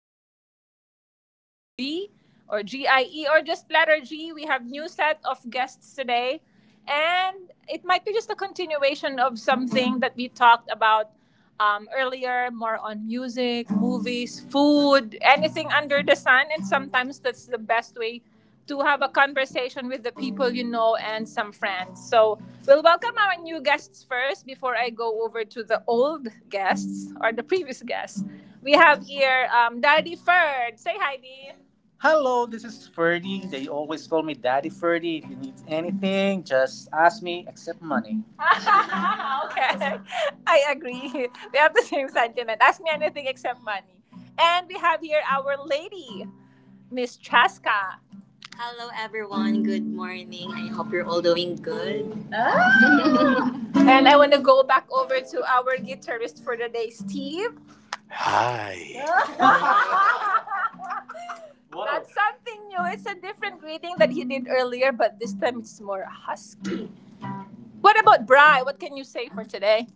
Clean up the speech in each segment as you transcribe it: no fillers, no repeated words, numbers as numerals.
we are here again. This is your host G or GIE or just letter G. We have new set of guests today and it might be just a continuation of something that we talked about earlier, more on music, movies, food, anything under the sun, and sometimes that's the best way to have a conversation with the people you know and some friends. So we'll welcome our new guests first before I go over to the old guests or the previous guests. We have here Daddy Ferd. Say hi, Dee. Hello, this is Ferdy. They always call me Daddy Ferdy. If you need anything, just ask me, except money. Okay. I agree. We have the same sentiment. Ask me anything except money. And we have here our lady, Miss Chaska. Hello everyone, good morning. I hope you're all doing good. Ah. And I want to go back over to our guitarist for the day, Steve. That's something new. It's a different greeting that he did earlier, but this time it's more husky. What about Bri? What can you say for today?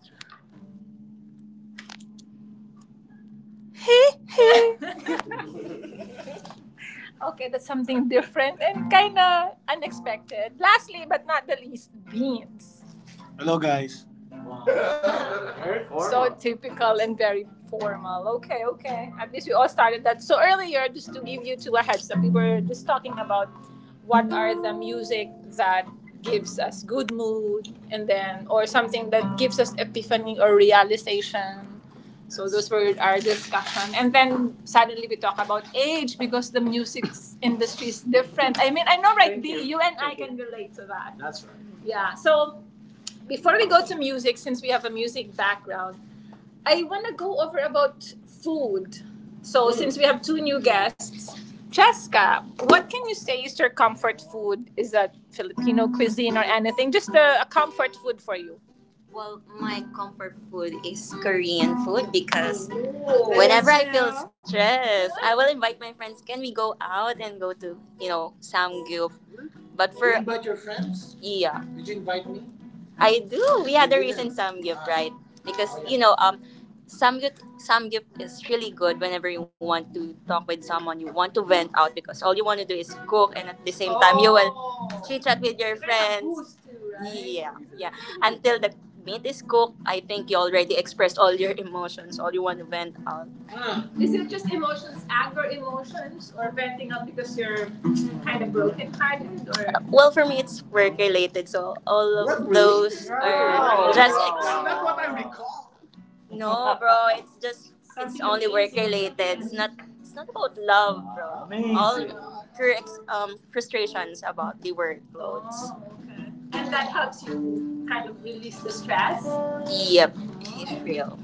Okay, that's something different and kind of unexpected. Lastly, but not the least, beans. Hello guys. So typical and very formal. Okay, okay. At least we all started that. So earlier, just to give you two a heads up, we were just talking about what are the music that gives us good mood and then or something that gives us epiphany or realization. So those were our discussion. And then suddenly we talk about age because the music industry is different. I mean, I know, right, Thank D? You. And I can relate to that. That's right. Yeah. So before we go to music, since we have a music background, I want to go over about food. So since we have two new guests, Jessica, what can you say is your comfort food? Is that Filipino cuisine or anything? Just a comfort food for you. Well, my comfort food is Korean food because, ooh, whenever I feel stressed, I will invite my friends, can we go out and go to, you know, Samgyeop but for... Did you for invite your friends? Yeah, did you invite me? I do. We had a you recent did samgyup, ah, right? Because oh, yeah. You know, samgyup samgyup is really good whenever you want to talk with someone, you want to vent out because all you want to do is cook, and at the same time you will chit chat with your friends. Yeah, yeah. Until the meat is cooked, I think you already expressed all your emotions. All you want to vent out. Ah, is it just emotions, anger emotions, or venting out because you're kind of broken-hearted or well, for me, it's work related, so all of work-related? Those related? Are just that's not what I recall. No, bro. It's just it's only work related. It's not about love, bro. Amazing. All her frustrations about the workloads. Oh, okay. And that helps you kind of release the stress. Yep, it's real.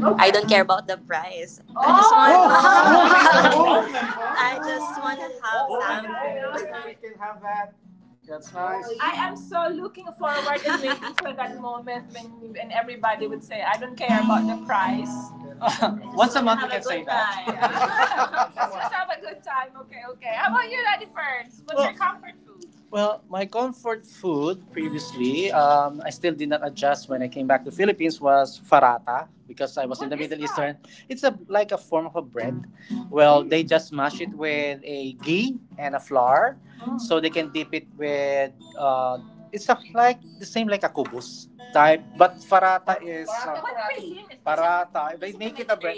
I don't care about the price. I just want. Oh! I just want to have some. We can have that. That's nice. I am so looking forward and waiting for that moment when everybody would say, I don't care about the price. Once a month, have you can say that. Let's have a good time. Okay, okay. How about you, Daddy Ferns? What's well, your comfort food? Well, my comfort food previously, I still did not adjust when I came back to Philippines was farata because I was in the Middle Eastern. It's a like a form of a bread. Well, they just mash it with a ghee and a flour, so they can dip it with. It's a, like the same like a kubus type, but farata is. Parata. They make it a bread.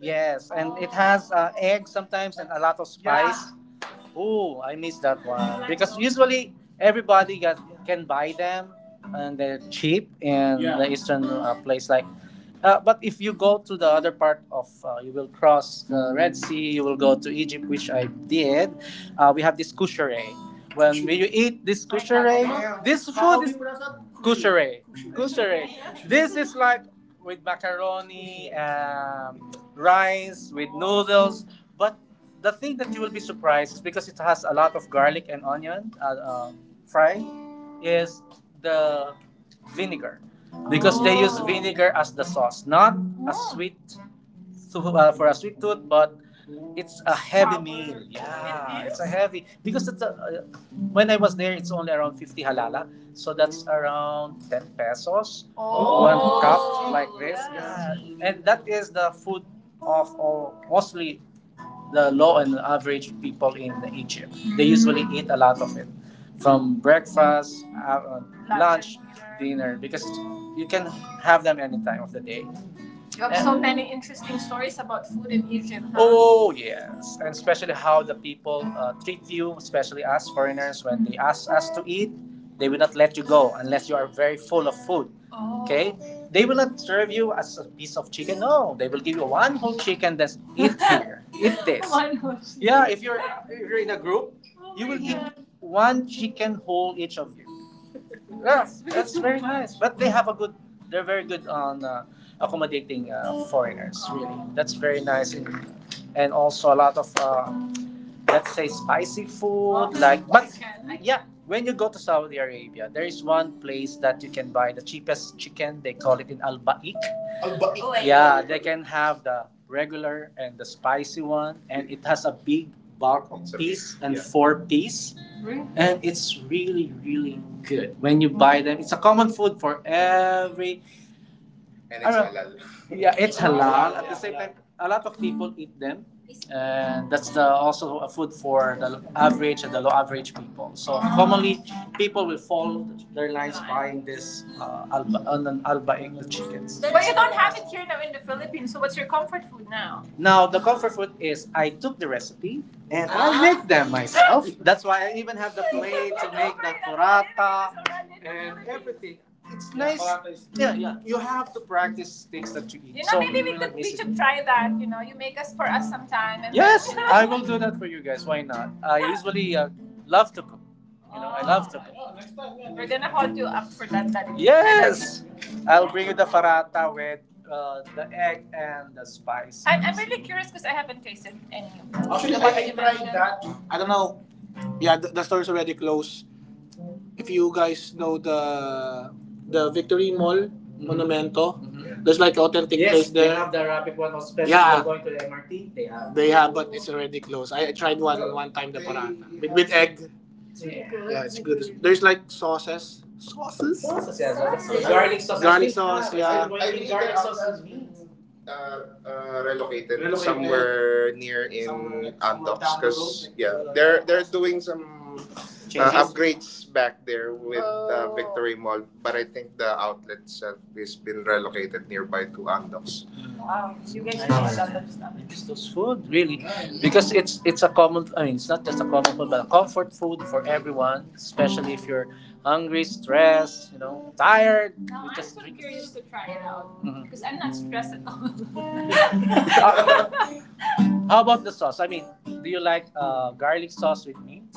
Yes, and it has egg sometimes and a lot of spice. Oh, I miss that one because usually everybody got, can buy them and they're cheap in, yeah, the eastern place. Like, but if you go to the other part of, you will cross the Red Sea. You will go to Egypt, which I did. We have this kushere. When you eat this kushere, this food is Coucheray. Coucheray. This is like with macaroni, rice, with noodles. But the thing that you will be surprised is because it has a lot of garlic and onion fry, is the vinegar. Because they use vinegar as the sauce, not a sweet for a sweet tooth, but it's a heavy meal. Yeah, it's a heavy because it's a, when I was there, it's only around 50 halala, so that's around 10 pesos. Oh. One cup like this, yeah. And that is the food of all, mostly the low and average people in Egypt. They usually eat a lot of it from breakfast, lunch, dinner because you can have them any time of the day. You have and, so many interesting stories about food in Egypt. Huh? Oh yes, and especially how the people treat you, especially us foreigners, when they ask us to eat, they will not let you go unless you are very full of food. Oh. Okay, they will not serve you as a piece of chicken. No, they will give you one whole chicken. That's eat here, eat this. One whole chicken. Yeah, if you're in a group, oh you will get God. Give one chicken whole each of you. Yeah, that's very nice. But they have a good. They're very good on accommodating foreigners. Really, that's very nice, and, also a lot of let's say spicy food. Like, but yeah, when you go to Saudi Arabia, there is one place that you can buy the cheapest chicken. They call it in Al Baik. Oh, wait. Yeah, they can have the regular and the spicy one, and it has a big bulk of piece and yeah. Four piece and it's really good when you buy them it's a common food for every and it's halal. Yeah, it's halal. At the same time, a lot of people eat them, and that's the, also a food for the average and the low average people. So commonly, people will fall their lines buying this alba an albaing the chickens. But you don't have it here now in the Philippines. So what's your comfort food now? Now the comfort food is I took the recipe and I make them myself. That's why I even have the plate to make the alright, burrata and everything. It's nice. Yeah, yeah. You have to practice things that you eat. You know, so maybe you we should try that. You know, you make us for us sometime. And yes, then, you know. I will do that for you guys. Why not? I usually love to cook. You know, I love to cook. Oh, next time, yeah, next we're gonna hold you up for that. That yes, I'll bring you the farata with the egg and the spice. I'm really curious because I haven't tasted any. Actually, I you tried that. I don't know. Yeah, the store is already closed if you guys know the Victory Mall mm-hmm. Monumento, mhm. There's like authentic yes, place there. Yes, they have the rapid one especially yeah. Going to the MRT. They have. They have, but it's already closed. I tried one oh, one time the they parata with egg. It's really, yeah, good. Yeah, it's good. There's like sauces. Sauces, yeah, sauces. Sauces. Garlic sauce. Garlic sauce, yeah. I said, garlic their sauce outlet meat. uh, Relocated, relocated. Somewhere near in somewhere- Andox because yeah they're doing some upgrades back there with oh. Victory Mall, but I think the outlet itself is been relocated nearby to Andox. Wow. You guys I know a lot of stuff. It's miss those food really, because it's a common. I mean, it's not just a common food, but a comfort food for everyone, especially if you're hungry, stressed, you know, tired. Now you I'm just so drink. Curious to try it out mhm. Because I'm not stressed at all. Uh, how about the sauce? I mean, do you like garlic sauce with meat?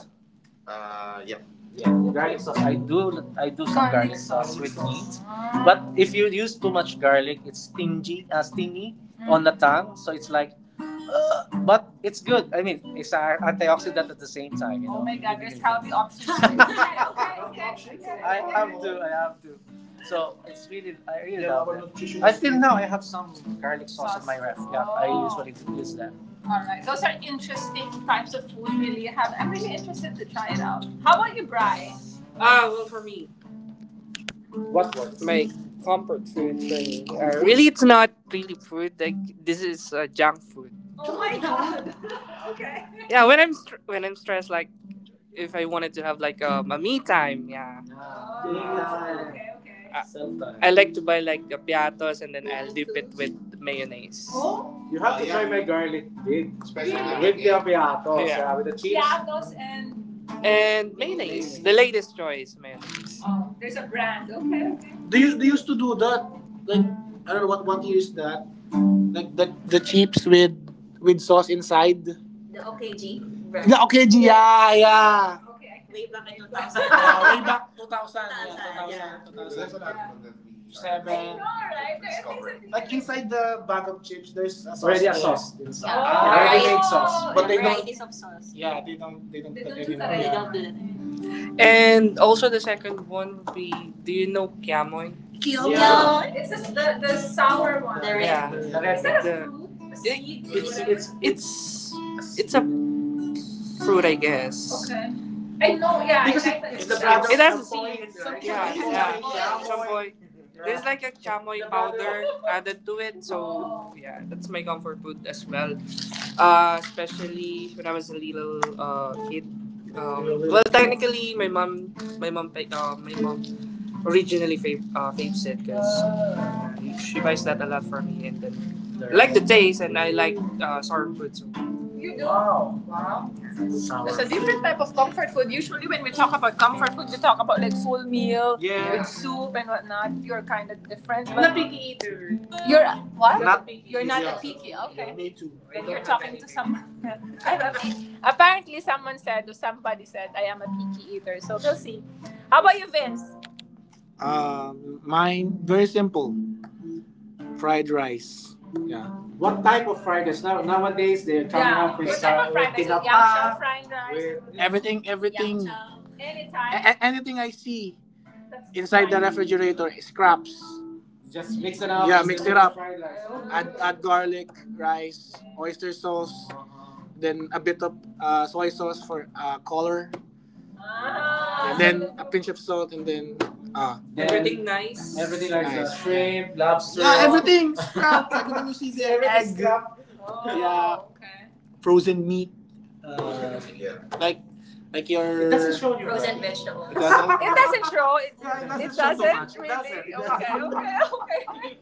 Yeah. Yeah, garlic sauce. I do some garlic, garlic sauce sauce. With meat, but if you use too much garlic, it's stingy, stingy mm. on the tongue. So it's like but it's good. I mean, it's an antioxidant at the same time. You know? Oh my god, there's you healthy options. Okay, okay, okay, okay. I have to. I have to. So it's really, I really, yeah, love it. Until now, I have some garlic sauce in my ref. Yeah, oh. I oh. Usually use that. Alright, those are interesting types of food really have. I'm really interested to try it out. How about you, Bry? Ah, well, for me, what word? My comfort food for me. Really, it's not really food. Like this is junk food. Oh my god. Okay. Yeah, when when I'm stressed, like if I wanted to have like a me time, yeah. Ah, me time, okay, okay. Self time. I like to buy like the piatos and then I'll dip it with mayonnaise. Oh, you have to, oh, yeah, try yeah my garlic dip. Especially, yeah, with the piatos, yeah, yeah, with the cheese. Piatos and mayonnaise, the latest choice, mayonnaise. Oh, there's a brand. Okay, okay. Do you they used to do that? Like I don't know what year is that? Like the chips with sauce inside. The OKG. The okay, yeah, yeah. Okay, I wave back in 2000. Oh, way, yeah. 2000. So that's 2000. Another that we seven. I know, right? There like inside the bag of chips, there's a sauce. Already a sauce inside. Oh, ah, already made sauce. But they don't of sauce. Yeah, they don't, they don't. They don't do that anymore. They, yeah, don't do that. And also the second one would be, do you know kiamoy? Kiamoy. Yeah. No, it's just the sour one. The red. Yeah. The red. Is that a the fruit? A it seed? It's a fruit, I guess. Okay. I know, yeah, because I like it, it's, it has a seeds, right? Yeah, yeah, yeah, chamoy. There's like a chamoy powder added to it, so yeah, that's my comfort food as well. Especially when I was a little kid. Well, technically, my mom, my mom originally fave, faves it because uh, she buys that a lot for me, and then I like the taste, and I like sour food. So you do? Wow. Sour it's a different type of comfort food. Usually, when we talk about comfort food, we talk about like full meal, yeah, with soup and whatnot. You're kind of different. I not picky eater. You're what? Not picky. You're not, yeah, a picky. Okay. Yeah, me too. Then you're talking to someone. I am a picky. Apparently, someone said or somebody said I am a picky eater. So we'll see. How about you, Vince? Mine very simple fried rice. Yeah. What type of fried rice? Now nowadays they're coming, yeah, up with what fried rice? Fried rice. Everything, everything, anytime. Anything I see that's inside the refrigerator is scraps. Just mix it up. Yeah, mix it up. Add garlic, rice, oyster sauce, then a bit of soy sauce for color. Ah, and then a pinch of salt and then ah. Then everything nice. Everything like the nice. The shrimp, lobster. Yeah, everything scrap. Everything you see there, everything egg, oh, yeah. Okay. Frozen meat, yeah, like it your. It doesn't show you. Frozen body. Vegetables. It doesn't? It doesn't show. It, yeah, it doesn't, show so doesn't really. Doesn't. Okay, okay, okay.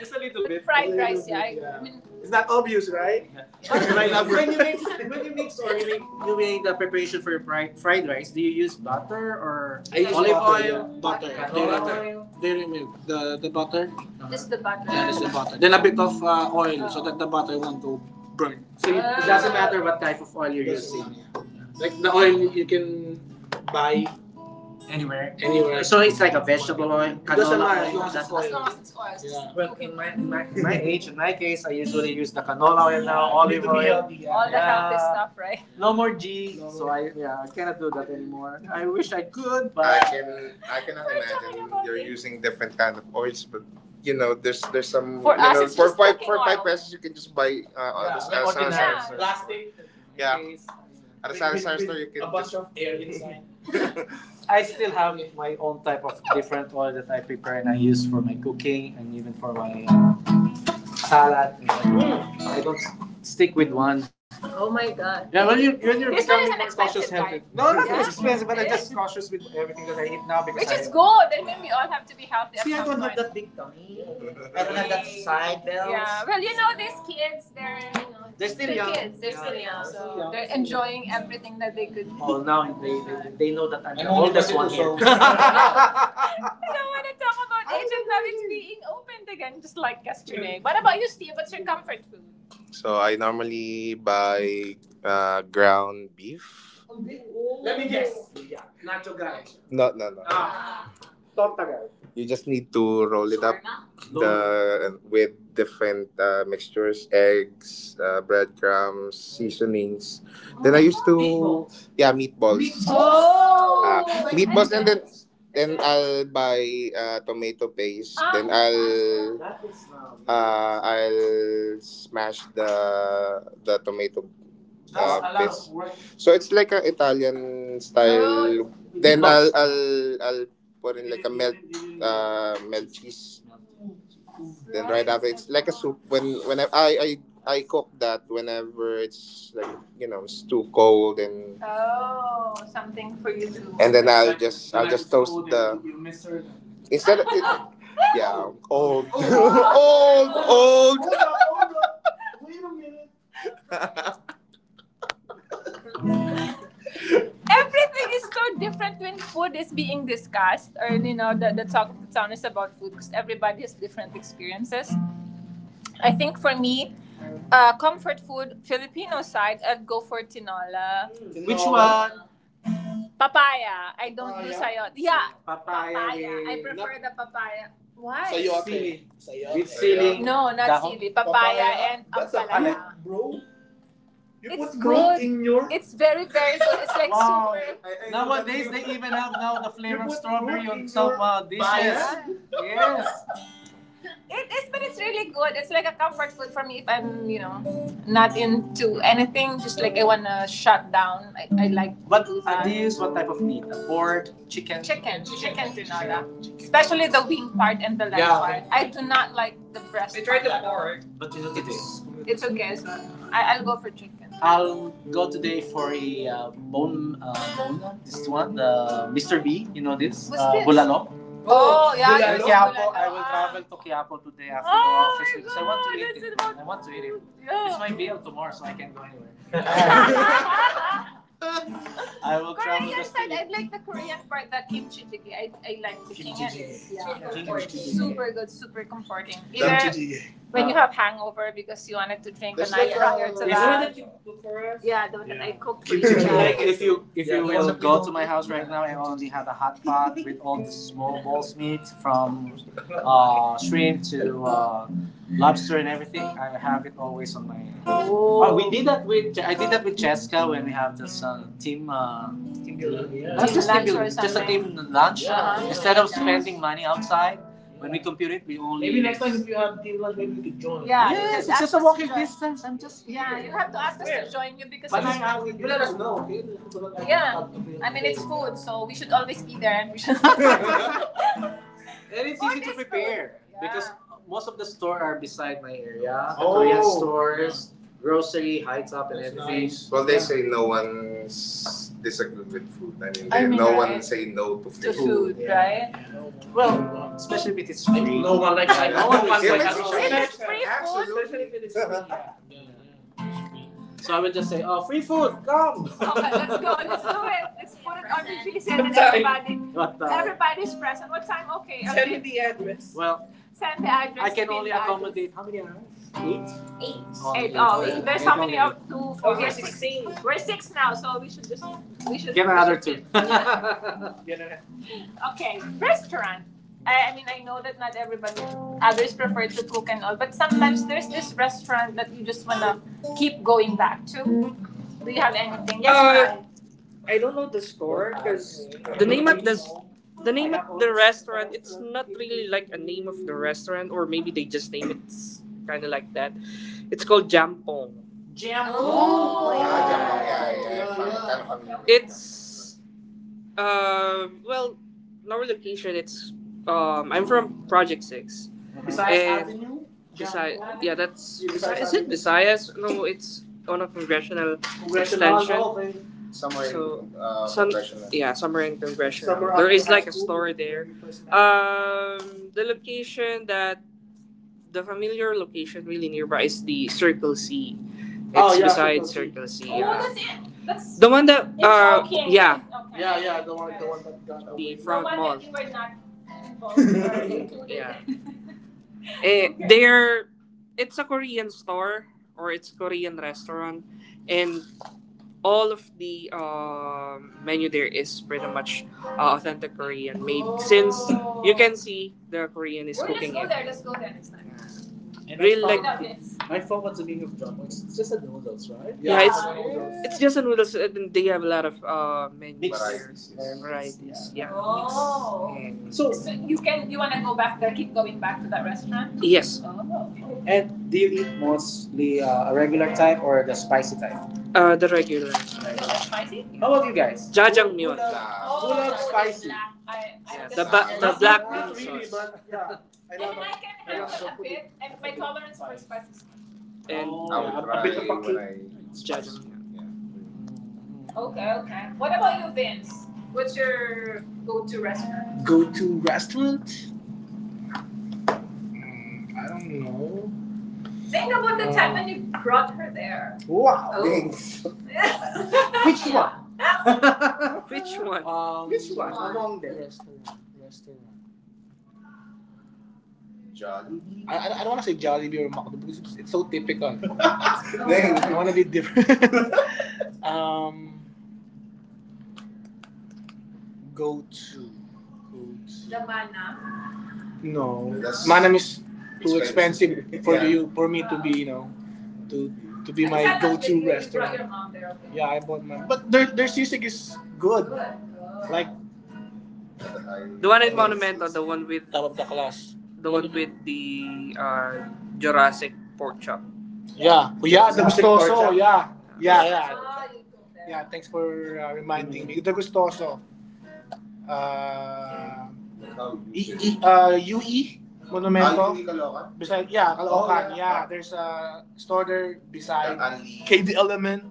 Just a little but bit. Fried rice, yeah, yeah. I mean, it's not obvious, right? Yeah. Right now, when you make, when you mix or you make the preparation for your fried rice, do you use butter or I use olive butter, oil? Yeah. Butter. Dairy, butter. Oil. Dairy milk, the butter. Uh-huh. Just the butter. Yeah, just the butter. Then a bit of oil, oh, so that the butter won't go burn. So you, it doesn't matter what type of oil you're doesn't. Like the oil you can buy anywhere. Anywhere. So it's like a vegetable oil, it doesn't matter as long as it's not oil. As long as it's oil, yeah, just my, my age, in my case, I usually use the canola oil now, yeah, olive oil. Healthy. Yeah. All the, yeah, yeah, healthy stuff, right? No more G, no, so I, yeah, I cannot do that anymore. I wish I could, but I can, I cannot imagine you're it. Using different kind of oils, but you know, there's some for you us, know, for five pesos you can just buy yeah, at the like at, yeah, store. Plastic. Yeah. Case, at the with store you can a bunch just of air inside. I still have my own type of different oil that I prepare and I use for my cooking and even for my salad. Mm. I don't stick with one. Oh my god. Yeah, when you, when you're this becoming more cautious, healthy. No, not, yeah, expensive, but I'm just cautious with everything that I eat now because which I, is good. I think we all have to be healthy. See, I don't have point. I don't have that side bells. Yeah. Well, you know, these kids, they're, you know, they're still they're young. Kids. They're, yeah, still young. So young. They're enjoying everything that they could. Oh, now they know that I'm the oldest one here. I don't want to talk about Asian habits being opened again, just like yesterday. What about you, Steve? What's your comfort food? So I normally buy ground beef. Oh. Let me guess. Yeah, nacho guy. No, no, no. Ah. Torta guy. You just need to roll it up the with different mixtures, eggs, breadcrumbs, seasonings. Then I used to, yeah, meatballs. Oh! Meatballs and then I'll buy tomato paste. Then I'll smash the tomato that's a lot of best. Work. So it's like a Italian style. Then I'll put in like a melt melt cheese. Then right after it's like a soup. When I, cook that whenever it's like you know it's too cold and oh, something for you to. And then I'll just toast the instead of it. Yeah, old, old, old. Everything is so different when food is being discussed or you know the talk the town is about food because everybody has different experiences. I think for me, comfort food filipino side I'd go for tinola. Tinola. Which one? Papaya. I don't papaya do sayote, yeah. Papaya. Papaya I prefer, no, the papaya why sayote. Sili. Sayote. With sili. No, not dahon. Sili papaya, papaya and ampalaya. That's a bro. You it's put good in your. It's very, very good. It's like wow. Super. I nowadays, they even have now the flavor of strawberry on some dishes. Bias. Yes. It is, but it's really good. It's like a comfort food for me if I'm, you know, not into anything. Just like I wanna shut down. I like what do you use what type of meat? Pork, chicken? Chicken, chicken tinola, especially the wing part and the leg, yeah, part. I do not like the breast. They tried the pork. But you know today, it's okay. So I'll go for chicken. I'll go today for a bone. This one, the Mr. B. You know this? What's this? Bulalo. Oh, yeah, bulalo. Yes, Quiapo. I will, ah, travel to Quiapo today after oh the office because God, I want to eat it. I want to eat it. Yeah. It's my meal tomorrow, so I can't go anywhere. I will travel Korean travel just side, to I like the Korean part, the kimchi jjigae. I like cooking kimchi it. It's, yeah, really comforting. Super good, super comforting. Either jjigae. When you have hangover because you wanted to drink the night like prior to that. Is it's that. The one that you cook for us. Yeah, the one that I cooked for you. Yeah. Like if you if, yeah, you will go to my house right now, I only have a hot pot with all the small balls meat from shrimp to lobster and everything. I have it always on my oh. Oh, we did that with I did that with Jessica when we have this team. Team building, yeah, not just team lunch building, just a team lunch. Yeah. Instead of spending money outside, yeah. when we compute it, we only maybe next time if you have team lunch, maybe we could join. Yeah, yes, it's just a walking distance. I'm just Yeah, you have to ask us yeah. to join you because but you it's- You let us know, okay? Yeah. I mean it's food, so we should always be there and we should. And it's or easy to this prepare food. Because most of the store are beside my area. The oh. Korean stores, grocery, high top, and everything. Well, they yeah. say no one's disagreeing with food. I mean, no right. one say no to food. To food, yeah. right? Well, especially if it's free. No one likes like, no one wants yeah, like but us. It's and it's free food. Absolutely. Especially if it is free. So I would just say, oh, free food, come! Okay, let's go. Let's do it. Let's put it on the what and everybody. What everybody's present. What time? Okay. Send me okay. the address. Well, send the address. I can only accommodate how many? Eight? Eight. Oh, eight. Oh, eight. There's eight how many? Only. Up to oh, four. We are six. 16. We're six now, so we should just we should get we another we should two. Yeah. Okay, restaurant. I mean, I know that not everybody, others prefer to cook and all, but sometimes there's this restaurant that you just wanna keep going back to. Do you have anything? Yes, I don't know the store because the the name of the restaurant it's not really like a name of the restaurant or maybe they just name it kind of like that. It's called Jampong. Jampong. Oh, ah, yeah. Jampong, yeah, yeah, yeah. It's well, in our location, it's I'm from Project Six. Besides eh, Avenue? Visay- yeah, that's yeah, Visayas is it Visayas? No, it's on a congressional. Congressional, extension. Oh, okay. Somewhere so, in some- progression. Yeah, somewhere in congressional. Somewhere there is like a store there. Um, the location that the familiar location really nearby is the Circle C. Oh, it's oh, yeah, besides Circle C. Circle C. Yeah. Oh, yeah. that's it. That's the one that yeah, okay. Yeah, yeah, the one that got away. The front the one mall. That you were not involved or included. Yeah. Eh, they're it's a Korean store or it's a Korean restaurant and all of the menu there is pretty much authentic Korean made oh. since you can see the Korean is well, cooking let's go it. There. Let's go there next time. And real, I found, like- I found what's the meaning of John. It's just a noodles, right? Yeah, yeah. it's noodles. It's just a noodles, and they have a lot of menu, varieties, yes. varieties. Yeah. yeah. Oh. Mm. So you can you wanna go back there, keep going back to that restaurant? Yes. Oh. And do you eat mostly a regular type or the spicy type? The regular regular. Spicy? How about you guys? Jajangmyeon. Pull up oh, spicy. I yeah, the ba- the black not bean sauce. Really, but yeah. And I can yeah, handle so a bit, and my tolerance for spices. And oh, I would yeah, try a bit of a when I it's judgment. Okay, okay. What about you, Vince? What's your go-to restaurant? Go to restaurant? Mm, I don't know. Think about the time when you brought her there. Wow. Oh. Thanks. Which one? Which one? Which one? Among them. Restaurant. Restaurant. I don't want to say Jollibee or McDonald's because it's so typical. Dang. I want to be different. um, go to. The mana. No, that's- Manam is too expensive. Expensive for yeah. you for me to be you know to to be my go-to you your restaurant. Mom there, okay. Yeah, I bought mine, but their sisig is good. Good. Like the one in Monumento, the one with the the one with the uh, Jurassic pork chop. Yeah. Oh, yeah, the something gustoso. Yeah. Yeah, yeah. Oh, yeah, thanks for reminding me. The gustoso. Uh, UE Monumento. Kalokan? Beside, yeah, Caloocan. Oh, yeah. yeah. there's a store there beside KD Element.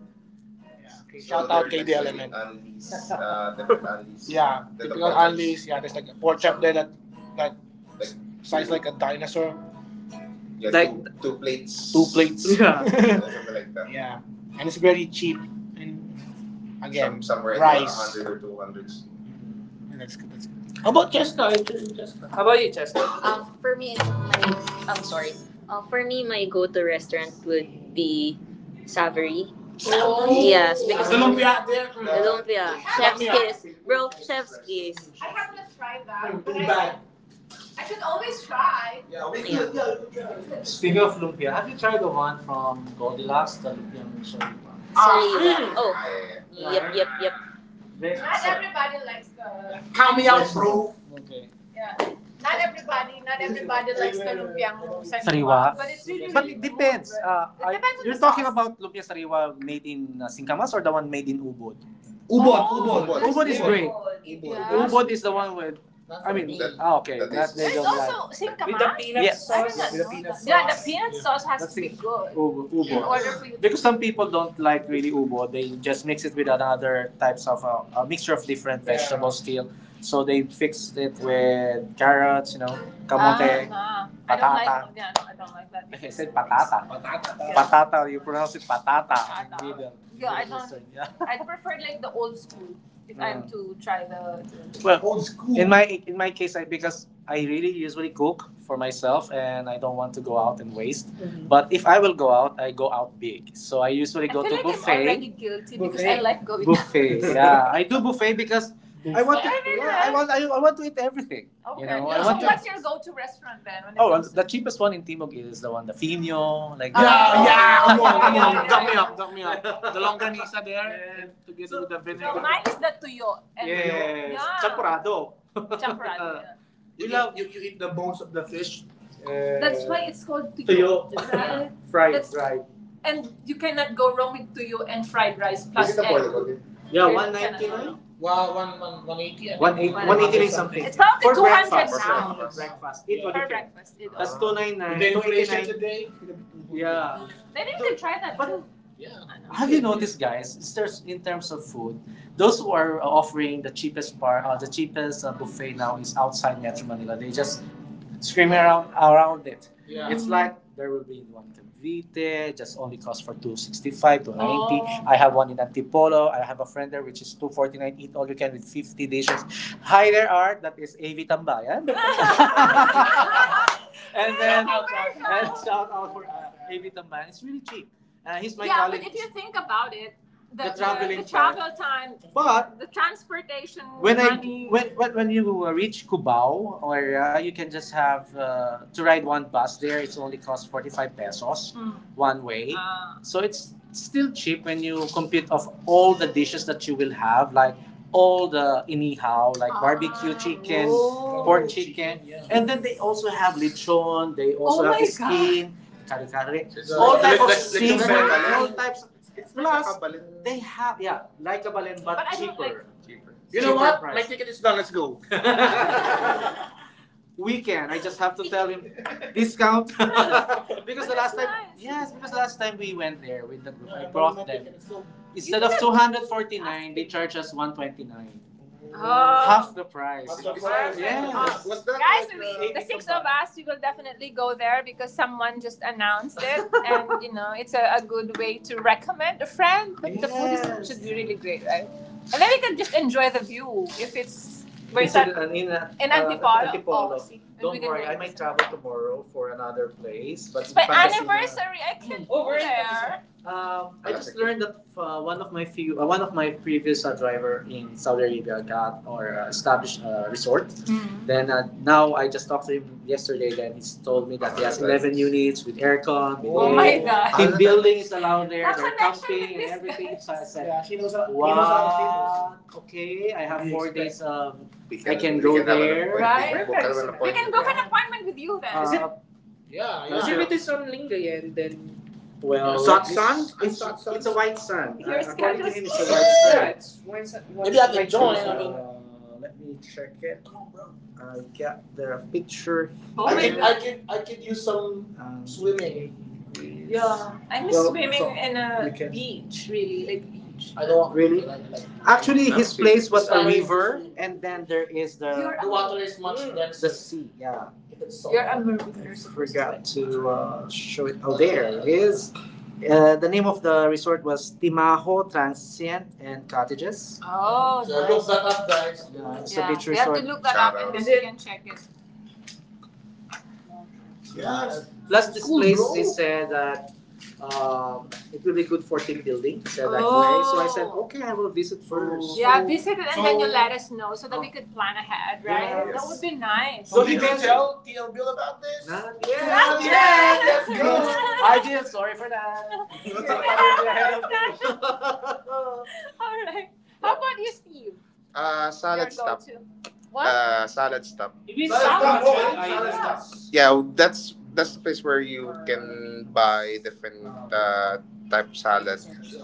Yeah. Shout out KD Element. Anlis. Anlis. Yeah, typical pork yeah, there's like a pork chop there that that like- size like a dinosaur. Yeah, like- two plates. Two plates. Yeah. Something like that. Yeah, and it's very cheap. And again, somewhere rice. In the 100 or 200s. And that's good. That's good. How about Chester? How about you, Chester? For me, my I'm sorry. For me, my go-to restaurant would be Savory. Oh. Yes, because- the lumpia there. The lumpia, chef's kiss, bro, chef's kiss. I haven't tried that. Mm, but I can always try. Yeah, we yeah. could. Yeah, we could speaking of lumpia, have you tried the one from Goldilocks, the lumpia sariwa. Sariwa. Mm. Oh. Yeah, yeah, yep, yep, yep. They, not so- everybody likes the. Yeah. Count me out, bro. Okay. Yeah. Not everybody. Not everybody likes the lumpiang sariwa. But it's really. But really it depends. Good. It depends on you're talking sauce. About lumpia sariwa made in Singkamas or the one made in Ubud? Ubud. Oh, Ubud that's Ubod is great. Ubod. Yeah. Ubud is the one with not I mean, me. That- ah, okay, that is- they there's don't also like. Same with the peanut yes. sauce. Did with the peanut that. Yeah, the peanut sauce has that's to be good Ubo, in ubo. In order for you to because to some people don't like really ubo, they just mix it with another types of a mixture of different yeah. vegetables still. So they fixed it with carrots, you know, ah, kamote. Ah, nah. patata. I don't like patata. Yeah, no, I don't like that. Okay, I said patata. Patata. Yeah. Patata, you pronounce it patata. Patata. In the middle. Yeah, I don't- yeah. I prefer like the old school if yeah. I'm to try the, well, old school. in my case, I because I really usually cook for myself, and I don't want to go out and waste. Mm-hmm. But if I will go out, I go out big. So I usually I go I feel to like buffet. I'm already buffet. Guilty buffet. Because I like going buffet, out. yeah, I do buffet because I want to. Yeah, I want. I want to eat everything. Okay. You know, I so to- what's your go-to restaurant then? When oh, well, the cheapest one in Timog is the one, the fino. Like, yeah, that. Yeah, come on, yeah, come on, yeah, yeah. me up, duck me up. The longganisa there, yeah. and together so- with the so vinegar. So mine is the tuyo. And yes. Yeah. Champurado. Champurado. Yeah. You love you, you eat the bones of the fish. That's why it's called tuyo. Tuyo. Right? fried, that's- fried. And you cannot go wrong with tuyo and fried rice plus egg. Yeah, 199. Wow, 180, 180 something. It's probably for 200 breakfast. Now. For breakfast. Eat what for you breakfast. It that's ah. 299. The inflation today, yeah. Maybe you can try that but- too. Have you noticed, guys? In terms- in terms of food, those who are offering the cheapest bar, the cheapest buffet now is outside Metro Manila. They just screaming around, around it. Yeah. It's like there will be one in Cavite, just only cost for 265 to 90. Oh. I have one in Antipolo. I have a friend there which is 249 eat all you can with 50 dishes. Hi there, Art. That is AV Tambayan. and then shout and shout out for AV Tambayan. It's really cheap. He's my yeah, colleague. But if you think about it, the, the travel time, but the transportation when money. I when you reach Cubao area, you can just have to ride one bus there. It's only cost 45 pesos mm. one way, ah. so it's still cheap when you compute of all the dishes that you will have, like all the inihao, like barbecue ah. chicken, oh. pork chicken, yeah. and then they also have lechon. They also oh have my skin, kare kare, it's all like- types of like the seafood, all types. Plus, they have yeah, likable and but cheaper. Like- cheaper. You cheaper know what? Cheaper my ticket is. weekend. I just have to tell him discount because the last time yes because the last time we went there with the group, I brought them. Instead of 249, they charge us 129. Oh. Half the price. Half the price. Yes. Was guys, like, we, the six of us, we will definitely go there because someone just announced it, and you know it's a good way to recommend a friend. But yes, the food, yes, is, should be really great, right? And then we can just enjoy the view if it's in Antipolo. Antipolo? Oh, see. Don't worry, I might travel tomorrow for another place. But it's my anniversary. I can't, oh, go there. I just learned that one of my one of my previous driver in Saudi Arabia got or established a resort. Mm-hmm. Then now I just talked to him yesterday. Then he told me that he has 11 units with aircon. With, oh, air. My god. Team building is allowed there. That they're camping and everything. So I said, yeah, she knows. He knows how to wow. Okay, I have 4 days of, I can go there. Right. We can book an, yeah, appointment with you then. Is it? Yeah. Because yeah. As if it is on Lingayen, then, well, sun? It's a white sun. Your according to schedule's a white sun. Yeah, it's once. Maybe I can join. Choose, I mean, let me check it. I got the picture. Oh, I my can, I can, I can use some swimming. Yeah, I miss, well, swimming so in a beach, really, like beach. I don't, really? Like, actually, his place was a river, and then there is the water is much, mm, denser. The sea. Yeah, you're a marine. I forgot to show it. Oh, there it is. The name of the resort was Timaho Transient and Cottages. Oh, so nice. Look nice. That up, guys. Yeah, it's, yeah, a beach resort. We have to look that up and is then we can check it. Yeah. Plus, this, cool, place they said that it will be good for team building. He said that, so I said, oh, okay, I will visit first. Yeah, visit it and then you let us know so that, oh, we could plan ahead, right? Yeah, yes. That, yes, would be nice. So, so did you, yeah, tell TL Bill about this? Not yet. Not yet. That's good. I did. Sorry for that. We're alright. How about you, Steve? Salad, your stop. What? Salad stop. Salad stop, oh, right? Salad, yeah. Yeah, that's the place where you can buy different type of salad.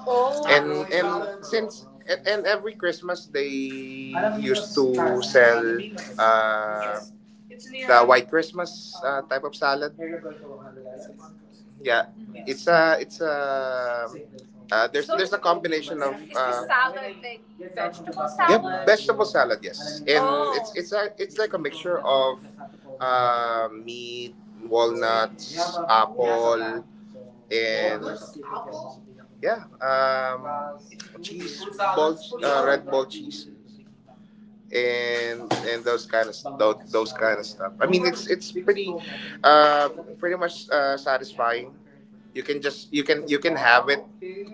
Oh. And since and every Christmas they used to sell uh, the white Christmas type of salad. Yeah, it's a there's so there's a combination of is salad, like vegetable, yep, salad? Yep, vegetable salad, yes, and, oh, it's like a mixture of meat, walnuts, apple, and yeah, cheese, ball, red ball cheese and those kind of those kind of stuff. I mean, it's pretty, uh, pretty much satisfying. You can just you can have it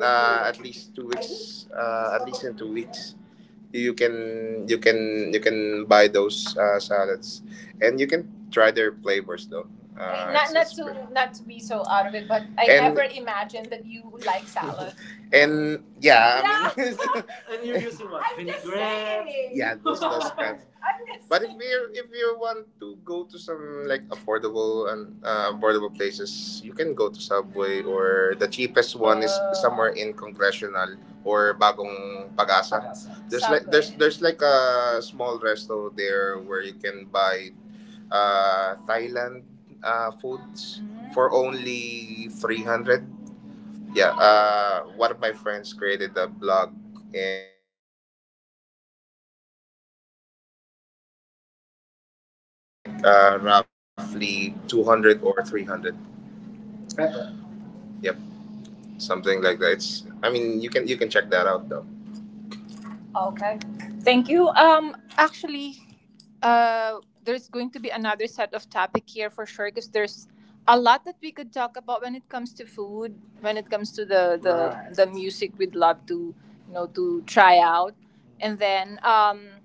at least 2 weeks, at least in 2 weeks you can buy those salads and you can try their flavors though not not to be so out of it, but I, and never imagined that you like salad. And yeah, I mean, and you're using what? I'm just, vinaigrette? Saying. Yeah, those kinds. I'm just but if saying. You If you want to go to some like affordable and affordable places you can go to subway or the cheapest one is, uh, somewhere in congressional or bagong pagasa there's like there's Subway. There's like a small resto there where you can buy Thailand foods for only 300. Yeah, one of my friends created a blog 200 or 300. Pepper. Yep, something like that. It's i mean you can check that out though. Okay. Thank you. Actually, there's going to be another set of topic here for sure because there's a lot that we could talk about when it comes to food, when it comes to Right. The music we'd love to to try out, and then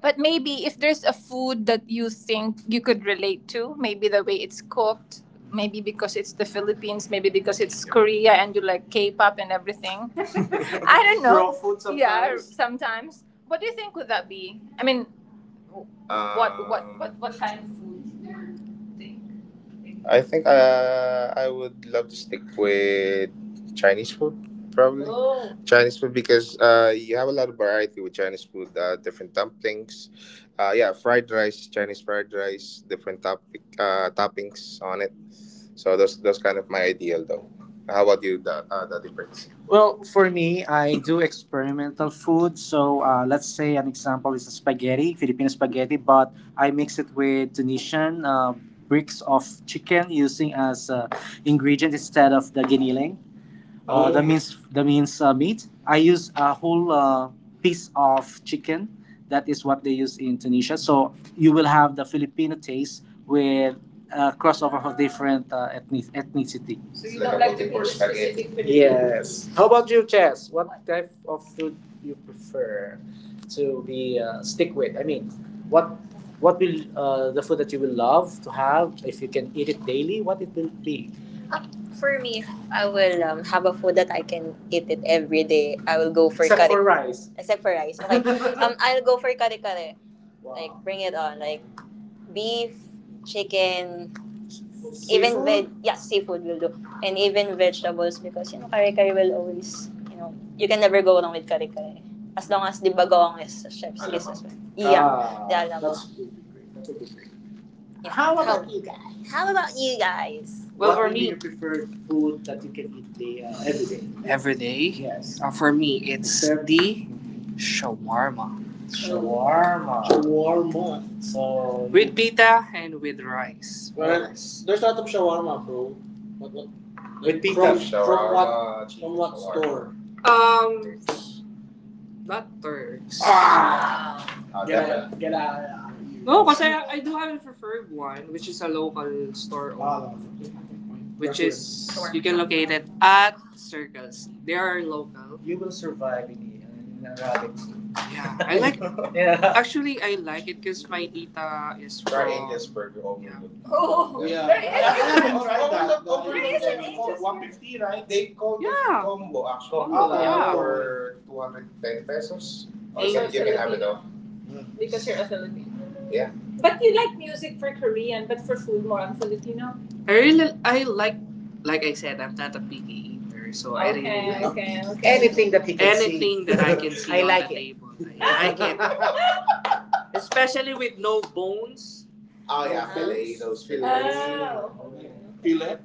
but maybe if there's a food that you think you could relate to, maybe the way it's cooked, maybe because it's the Philippines, maybe because it's Korea and you like K-pop and everything. I don't know. Raw food sometimes. Yeah, sometimes. What do you think would that be? I mean, what what kind of food do you think? I think I would love to stick with Chinese food, probably. Oh. Chinese food because you have a lot of variety with Chinese food, different dumplings, yeah, fried rice, Chinese fried rice, different toppings on it. So that's kind of my ideal though. How about you, Daddy Prince? Well, for me, I do experimental food. So let's say an example is a spaghetti, Filipino spaghetti, but I mix it with Tunisian bricks of chicken using as ingredient instead of the giniling. Oh. That means meat. I use a whole piece of chicken. That is what they use in Tunisia. So you will have the Filipino taste with a crossover of different ethnicity. So you like don't a like to eat spaghetti? Filipino. Yes. How about you, Chess? What type of food you prefer to be stick with? I mean, what what will the food that you will love to have if you can eat it daily? What it will be? Uh, For me, I will have a food that I can eat it every day. I will go for. Except kare. For rice. Except for rice. Okay. I'll go for kare kare. Wow. Like bring it on. Like beef, chicken, even. Seafood? Even veg. Yeah, seafood will do, and even vegetables because kare kare will always, you can never go wrong with kare kare as long as the bagong is chef's Alam kiss as well. Yeah. Ah, yeah, alam mo. That's really great. That would. Yeah. How about how, you guys? How about you guys? Well, what for me, your preferred food that you can eat day, every day? Every day. Yes. For me, it's. Except- the shawarma. Shawarma. Shawarma. So with pita and with rice. Well, yes. There's a lot of shawarma, bro. What, what, with pita. From what? From what store? Um, Not turks. Ah! Oh, get out of here. No, because I do haven't preferred one, which is a local store. Ah, which is, you can locate it at Circle C. They are local. You will survive in the Arabic sea. Yeah, I like, yeah. Actually, I like it because my tita is. Try from Angus burger over. Yeah, the. Oh. Yeah. There is. I haven't tried that. There is an 150, right? They call it, yeah, combo actually. Combo, yeah. For 210 pesos. Or you can have it all. Because you're a Filipino. Yeah. But you like music for Korean, but for food more on Filipino. I like I said, I'm not a picky eater, so okay, I really. Okay, like okay, okay. Anything that he can anything see. Anything that I can see I on like the it. Table. I like it. Especially with no bones. Oh no, yeah, fillet, those fillets. Oh, okay. Fillet.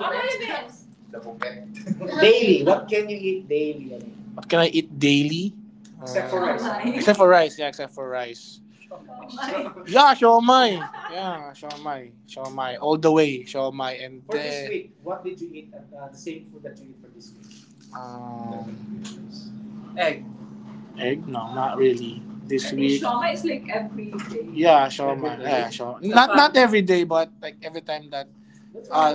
Ano Fillet yun? The buffet. Daily. What can you eat daily? I mean, what can I eat daily? Except for rice. Except for rice, yeah, except for rice. Shawmai. Yeah, shawmai. Yeah, shawmai. Shawmai. All the way, shawmai. And for this week, what did you eat? The same food that you eat for this week. um, Egg. Egg? No, not really. This I week, shawarma is like every day. Yeah, shawarma. Yeah, day. Shawarma. Not every day, but like every time that. That's why.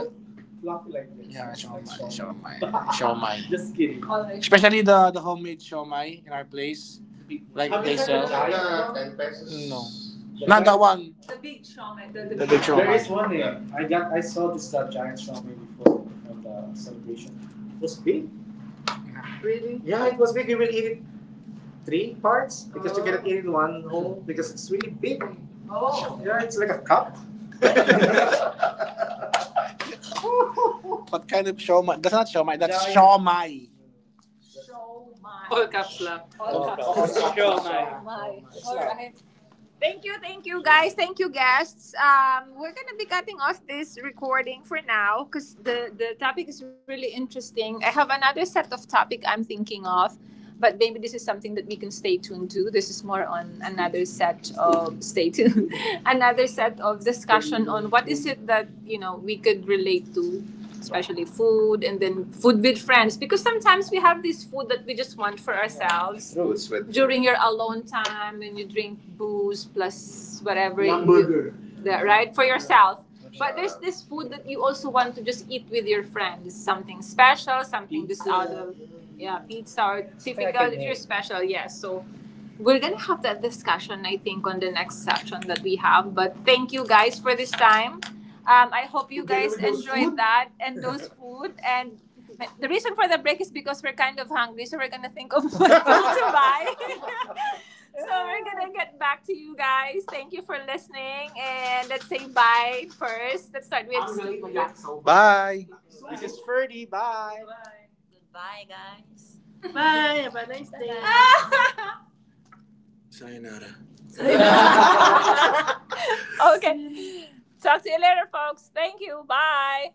Fluffy like this. Yeah, shawarma, like shawarma, shawarma. Shawarma, just kidding. All right. Especially the homemade shawarma in our place, like. Have you they sell. 10 pesos. No, the, not that one. The big shawarma. The big. There shawarma. There is one there. I saw this giant shawarma before at the celebration. It was big. Yeah. Really? Yeah, it was big. We will eat it three parts because you cannot eat it in one whole because it's really big. Oh. Yeah, it's like a cup. What kind of shawmai? That's not shawmai. That's. Yeah, yeah, shawmai. So. All caps lock. All caps. Caps. Show. All right. Thank you, guys. Thank you, guests. We're gonna be cutting off this recording for now because the topic is really interesting. I have another set of topic I'm thinking of, but maybe this is something that we can stay tuned to. This is more on another set of stay tuned, another set of discussion on what is it that we could relate to, especially food and then food with friends because sometimes we have this food that we just want for ourselves. Yeah, it's true, it's during your alone time and you drink booze plus whatever you- Hamburger. The- right for yourself. Yeah. But there's this food that you also want to just eat with your friends, something special, something. Pizza. Just out of, yeah, pizza, or like typical if you're special. Yes. Yeah. So we're gonna have that discussion, I think, on the next session that we have. But thank you guys for this time. I hope you. Okay, guys, enjoyed that and those food. And the reason for the break is because we're kind of hungry, so we're gonna think of what to buy. So we're gonna get back to you guys. Thank you for listening, and let's say bye first. Let's start with Steve. Bye. This is Ferdy. Bye. Bye. Goodbye, guys. Bye. Sayonara. Sayonara. Okay. Talk to you later, folks. Thank you. Bye.